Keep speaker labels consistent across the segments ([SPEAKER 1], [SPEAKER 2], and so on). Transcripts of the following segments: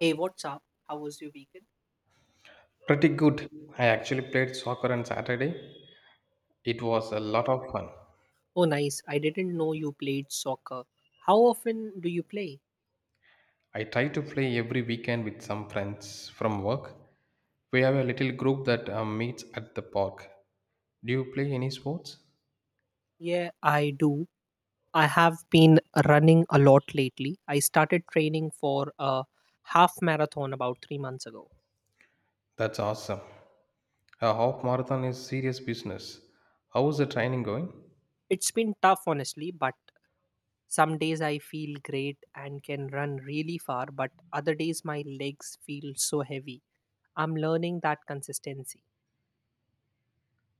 [SPEAKER 1] Hey, what's up? How was your weekend?
[SPEAKER 2] Pretty good. I actually played soccer on Saturday. It was a lot of fun.
[SPEAKER 1] Oh, nice. I didn't know you played soccer. How often do you play?
[SPEAKER 2] I try to play every weekend with some friends from work. We have a little group that meets at the park. Do you play any sports?
[SPEAKER 1] Yeah, I do. I have been running a lot lately. I started training for a half marathon about 3 months ago.
[SPEAKER 2] That's awesome. A half marathon is serious business. How is the training going?
[SPEAKER 1] It's been tough, honestly, but some days I feel great and can run really far, but other days my legs feel so heavy. I'm learning that consistency.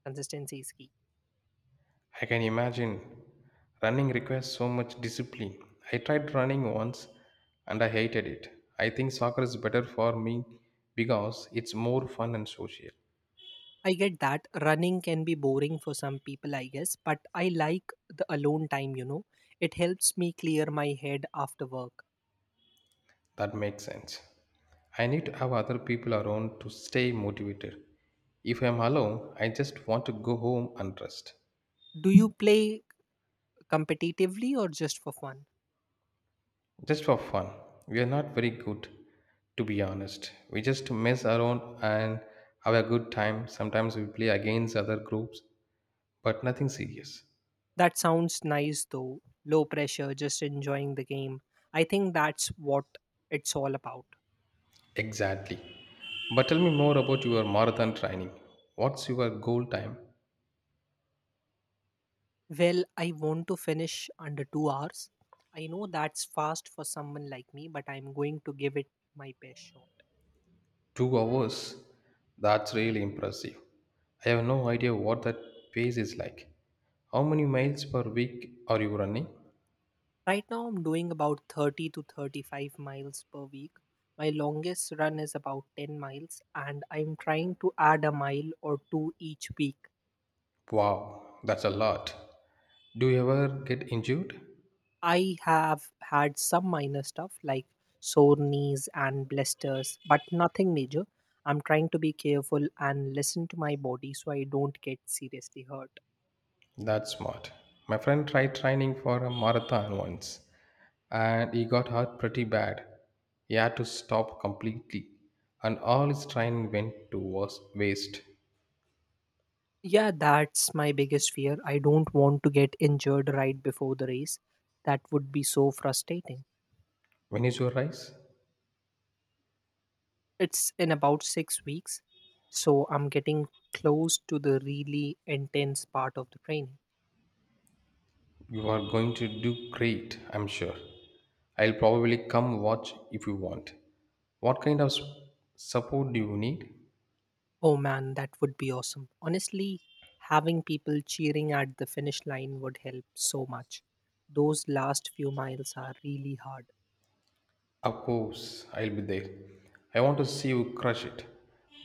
[SPEAKER 1] Consistency is key.
[SPEAKER 2] I can imagine. Running requires so much discipline. I tried running once and I hated it. I think soccer is better for me because it's more fun and social.
[SPEAKER 1] I get that running can be boring for some people, I guess, but I like the alone time, It helps me clear my head after work.
[SPEAKER 2] That makes sense. I need to have other people around to stay motivated. If I'm alone, I just want to go home and rest.
[SPEAKER 1] Do you play competitively or just for fun?
[SPEAKER 2] Just for fun. We are not very good, to be honest. We just mess around and have a good time. Sometimes we play against other groups, but nothing serious.
[SPEAKER 1] That sounds nice though. Low pressure, just enjoying the game. I think that's what it's all about.
[SPEAKER 2] Exactly. But tell me more about your marathon training. What's your goal time?
[SPEAKER 1] Well, I want to finish under 2 hours. I know that's fast for someone like me, but I'm going to give it my best shot.
[SPEAKER 2] 2 hours? That's really impressive. I have no idea what that pace is like. How many miles per week are you running?
[SPEAKER 1] Right now, I'm doing about 30 to 35 miles per week. My longest run is about 10 miles, and I'm trying to add a mile or two each week.
[SPEAKER 2] Wow, that's a lot. Do you ever get injured?
[SPEAKER 1] I have had some minor stuff like sore knees and blisters, but nothing major. I'm trying to be careful and listen to my body so I don't get seriously hurt.
[SPEAKER 2] That's smart. My friend tried training for a marathon once and he got hurt pretty bad. He had to stop completely and all his training went to was- waste.
[SPEAKER 1] Yeah, that's my biggest fear. I don't want to get injured right before the race. That would be so frustrating.
[SPEAKER 2] When is your race?
[SPEAKER 1] It's in about 6 weeks, so I'm getting close to the really intense part of the training.
[SPEAKER 2] You are going to do great, I'm sure. I'll probably come watch if you want. What kind of s- support do you need?
[SPEAKER 1] Oh man, that would be awesome. Honestly, having people cheering at the finish line would help so much. Those last few miles are really hard.
[SPEAKER 2] Of course, I'll be there. I want to see you crush it.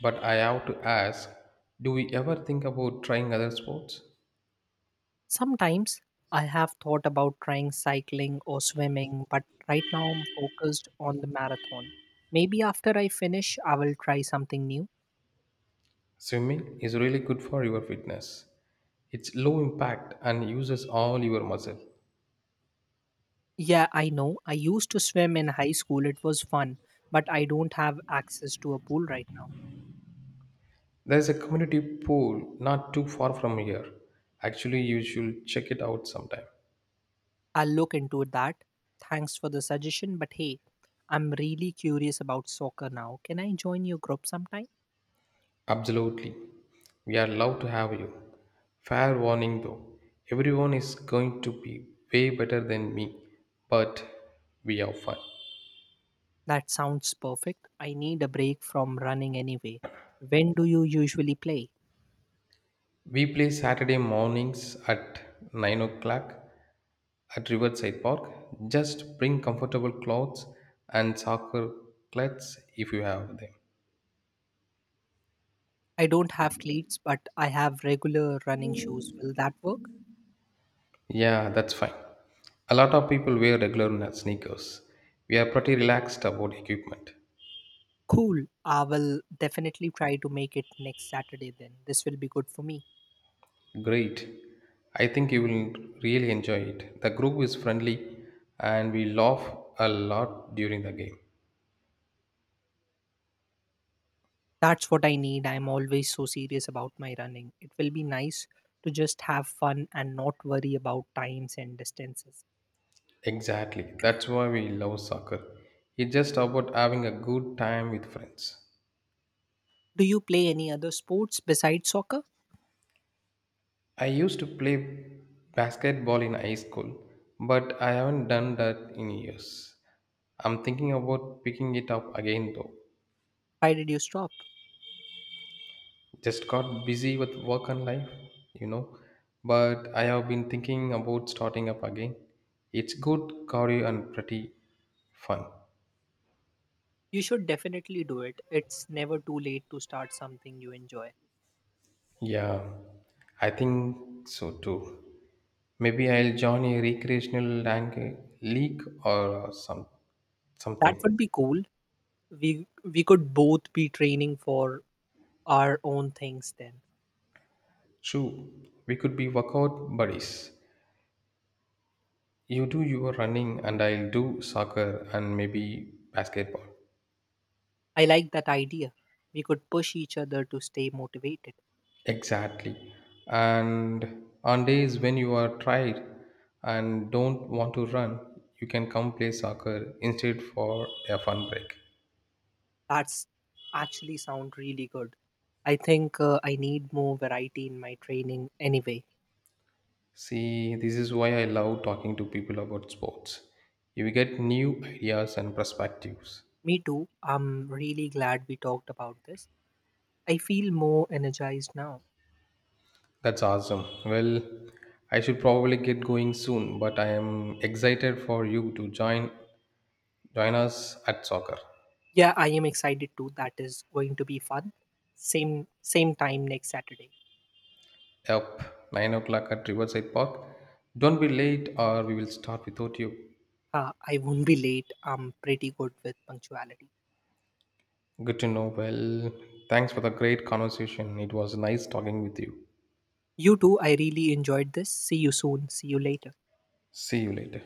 [SPEAKER 2] But I have to ask, do we ever think about trying other sports?
[SPEAKER 1] Sometimes I have thought about trying cycling or swimming, but right now I'm focused on the marathon. Maybe after I finish, I will try something new.
[SPEAKER 2] Swimming is really good for your fitness. It's low impact and uses all your muscle.
[SPEAKER 1] Yeah, I know. I used to swim in high school. It was fun, but I don't have access to a pool right now.
[SPEAKER 2] There is a community pool not too far from here. Actually, you should check it out sometime.
[SPEAKER 1] I'll look into that. Thanks for the suggestion, but hey, I'm really curious about soccer now. Can I join your group sometime?
[SPEAKER 2] Absolutely. We are love to have you. Fair warning though, everyone is going to be way better than me, but we are fun.
[SPEAKER 1] That sounds perfect. I need a break from running anyway. When do you usually play?
[SPEAKER 2] We play Saturday mornings at 9 o'clock at Riverside Park. Just bring comfortable clothes and soccer cleats if you have them.
[SPEAKER 1] I don't have cleats, but I have regular running shoes. Will that work?
[SPEAKER 2] Yeah, that's fine. A lot of people wear sneakers. We are pretty relaxed about equipment.
[SPEAKER 1] Cool. I will definitely try to make it next Saturday then. This will be good for me.
[SPEAKER 2] Great. I think you will really enjoy it. The group is friendly and we laugh a lot during the game.
[SPEAKER 1] That's what I need. I'm always so serious about my running. It will be nice to just have fun and not worry about times and distances.
[SPEAKER 2] Exactly. That's why we love soccer. It's just about having a good time with friends.
[SPEAKER 1] Do you play any other sports besides soccer?
[SPEAKER 2] I used to play basketball in high school, but I haven't done that in years. I'm thinking about picking it up again though.
[SPEAKER 1] Why did you stop?
[SPEAKER 2] Just got busy with work and life, you know. But I have been thinking about starting up again. It's good cardio and pretty fun.
[SPEAKER 1] You should definitely do it. It's never too late to start something you enjoy.
[SPEAKER 2] Yeah, I think so too. Maybe I'll join a league or
[SPEAKER 1] That
[SPEAKER 2] something.
[SPEAKER 1] would be cool. We could both be training for our own things then.
[SPEAKER 2] True, we could be workout buddies. You do your running and I'll do soccer and maybe basketball.
[SPEAKER 1] I like that idea. We could push each other to stay motivated.
[SPEAKER 2] Exactly. And on days when you are tired and don't want to run, you can come play soccer instead for a fun break.
[SPEAKER 1] That's actually sound really good. I think I need more variety in my training anyway.
[SPEAKER 2] See, this is why I love talking to people about sports. You get new ideas and perspectives.
[SPEAKER 1] Me too. I'm really glad we talked about this. I feel more energized now.
[SPEAKER 2] That's awesome. Well, I should probably get going soon, but I am excited for you to join us at soccer.
[SPEAKER 1] Yeah, I am excited too. That is going to be fun. Same time next Saturday.
[SPEAKER 2] Yep, 9 o'clock at Riverside Park. Don't be late or we will start without you.
[SPEAKER 1] I won't be late. I'm pretty good with punctuality.
[SPEAKER 2] Good to know. Well, thanks for the great conversation. It was nice talking with you.
[SPEAKER 1] You too. I really enjoyed this. See you soon. See you later.
[SPEAKER 2] See you later.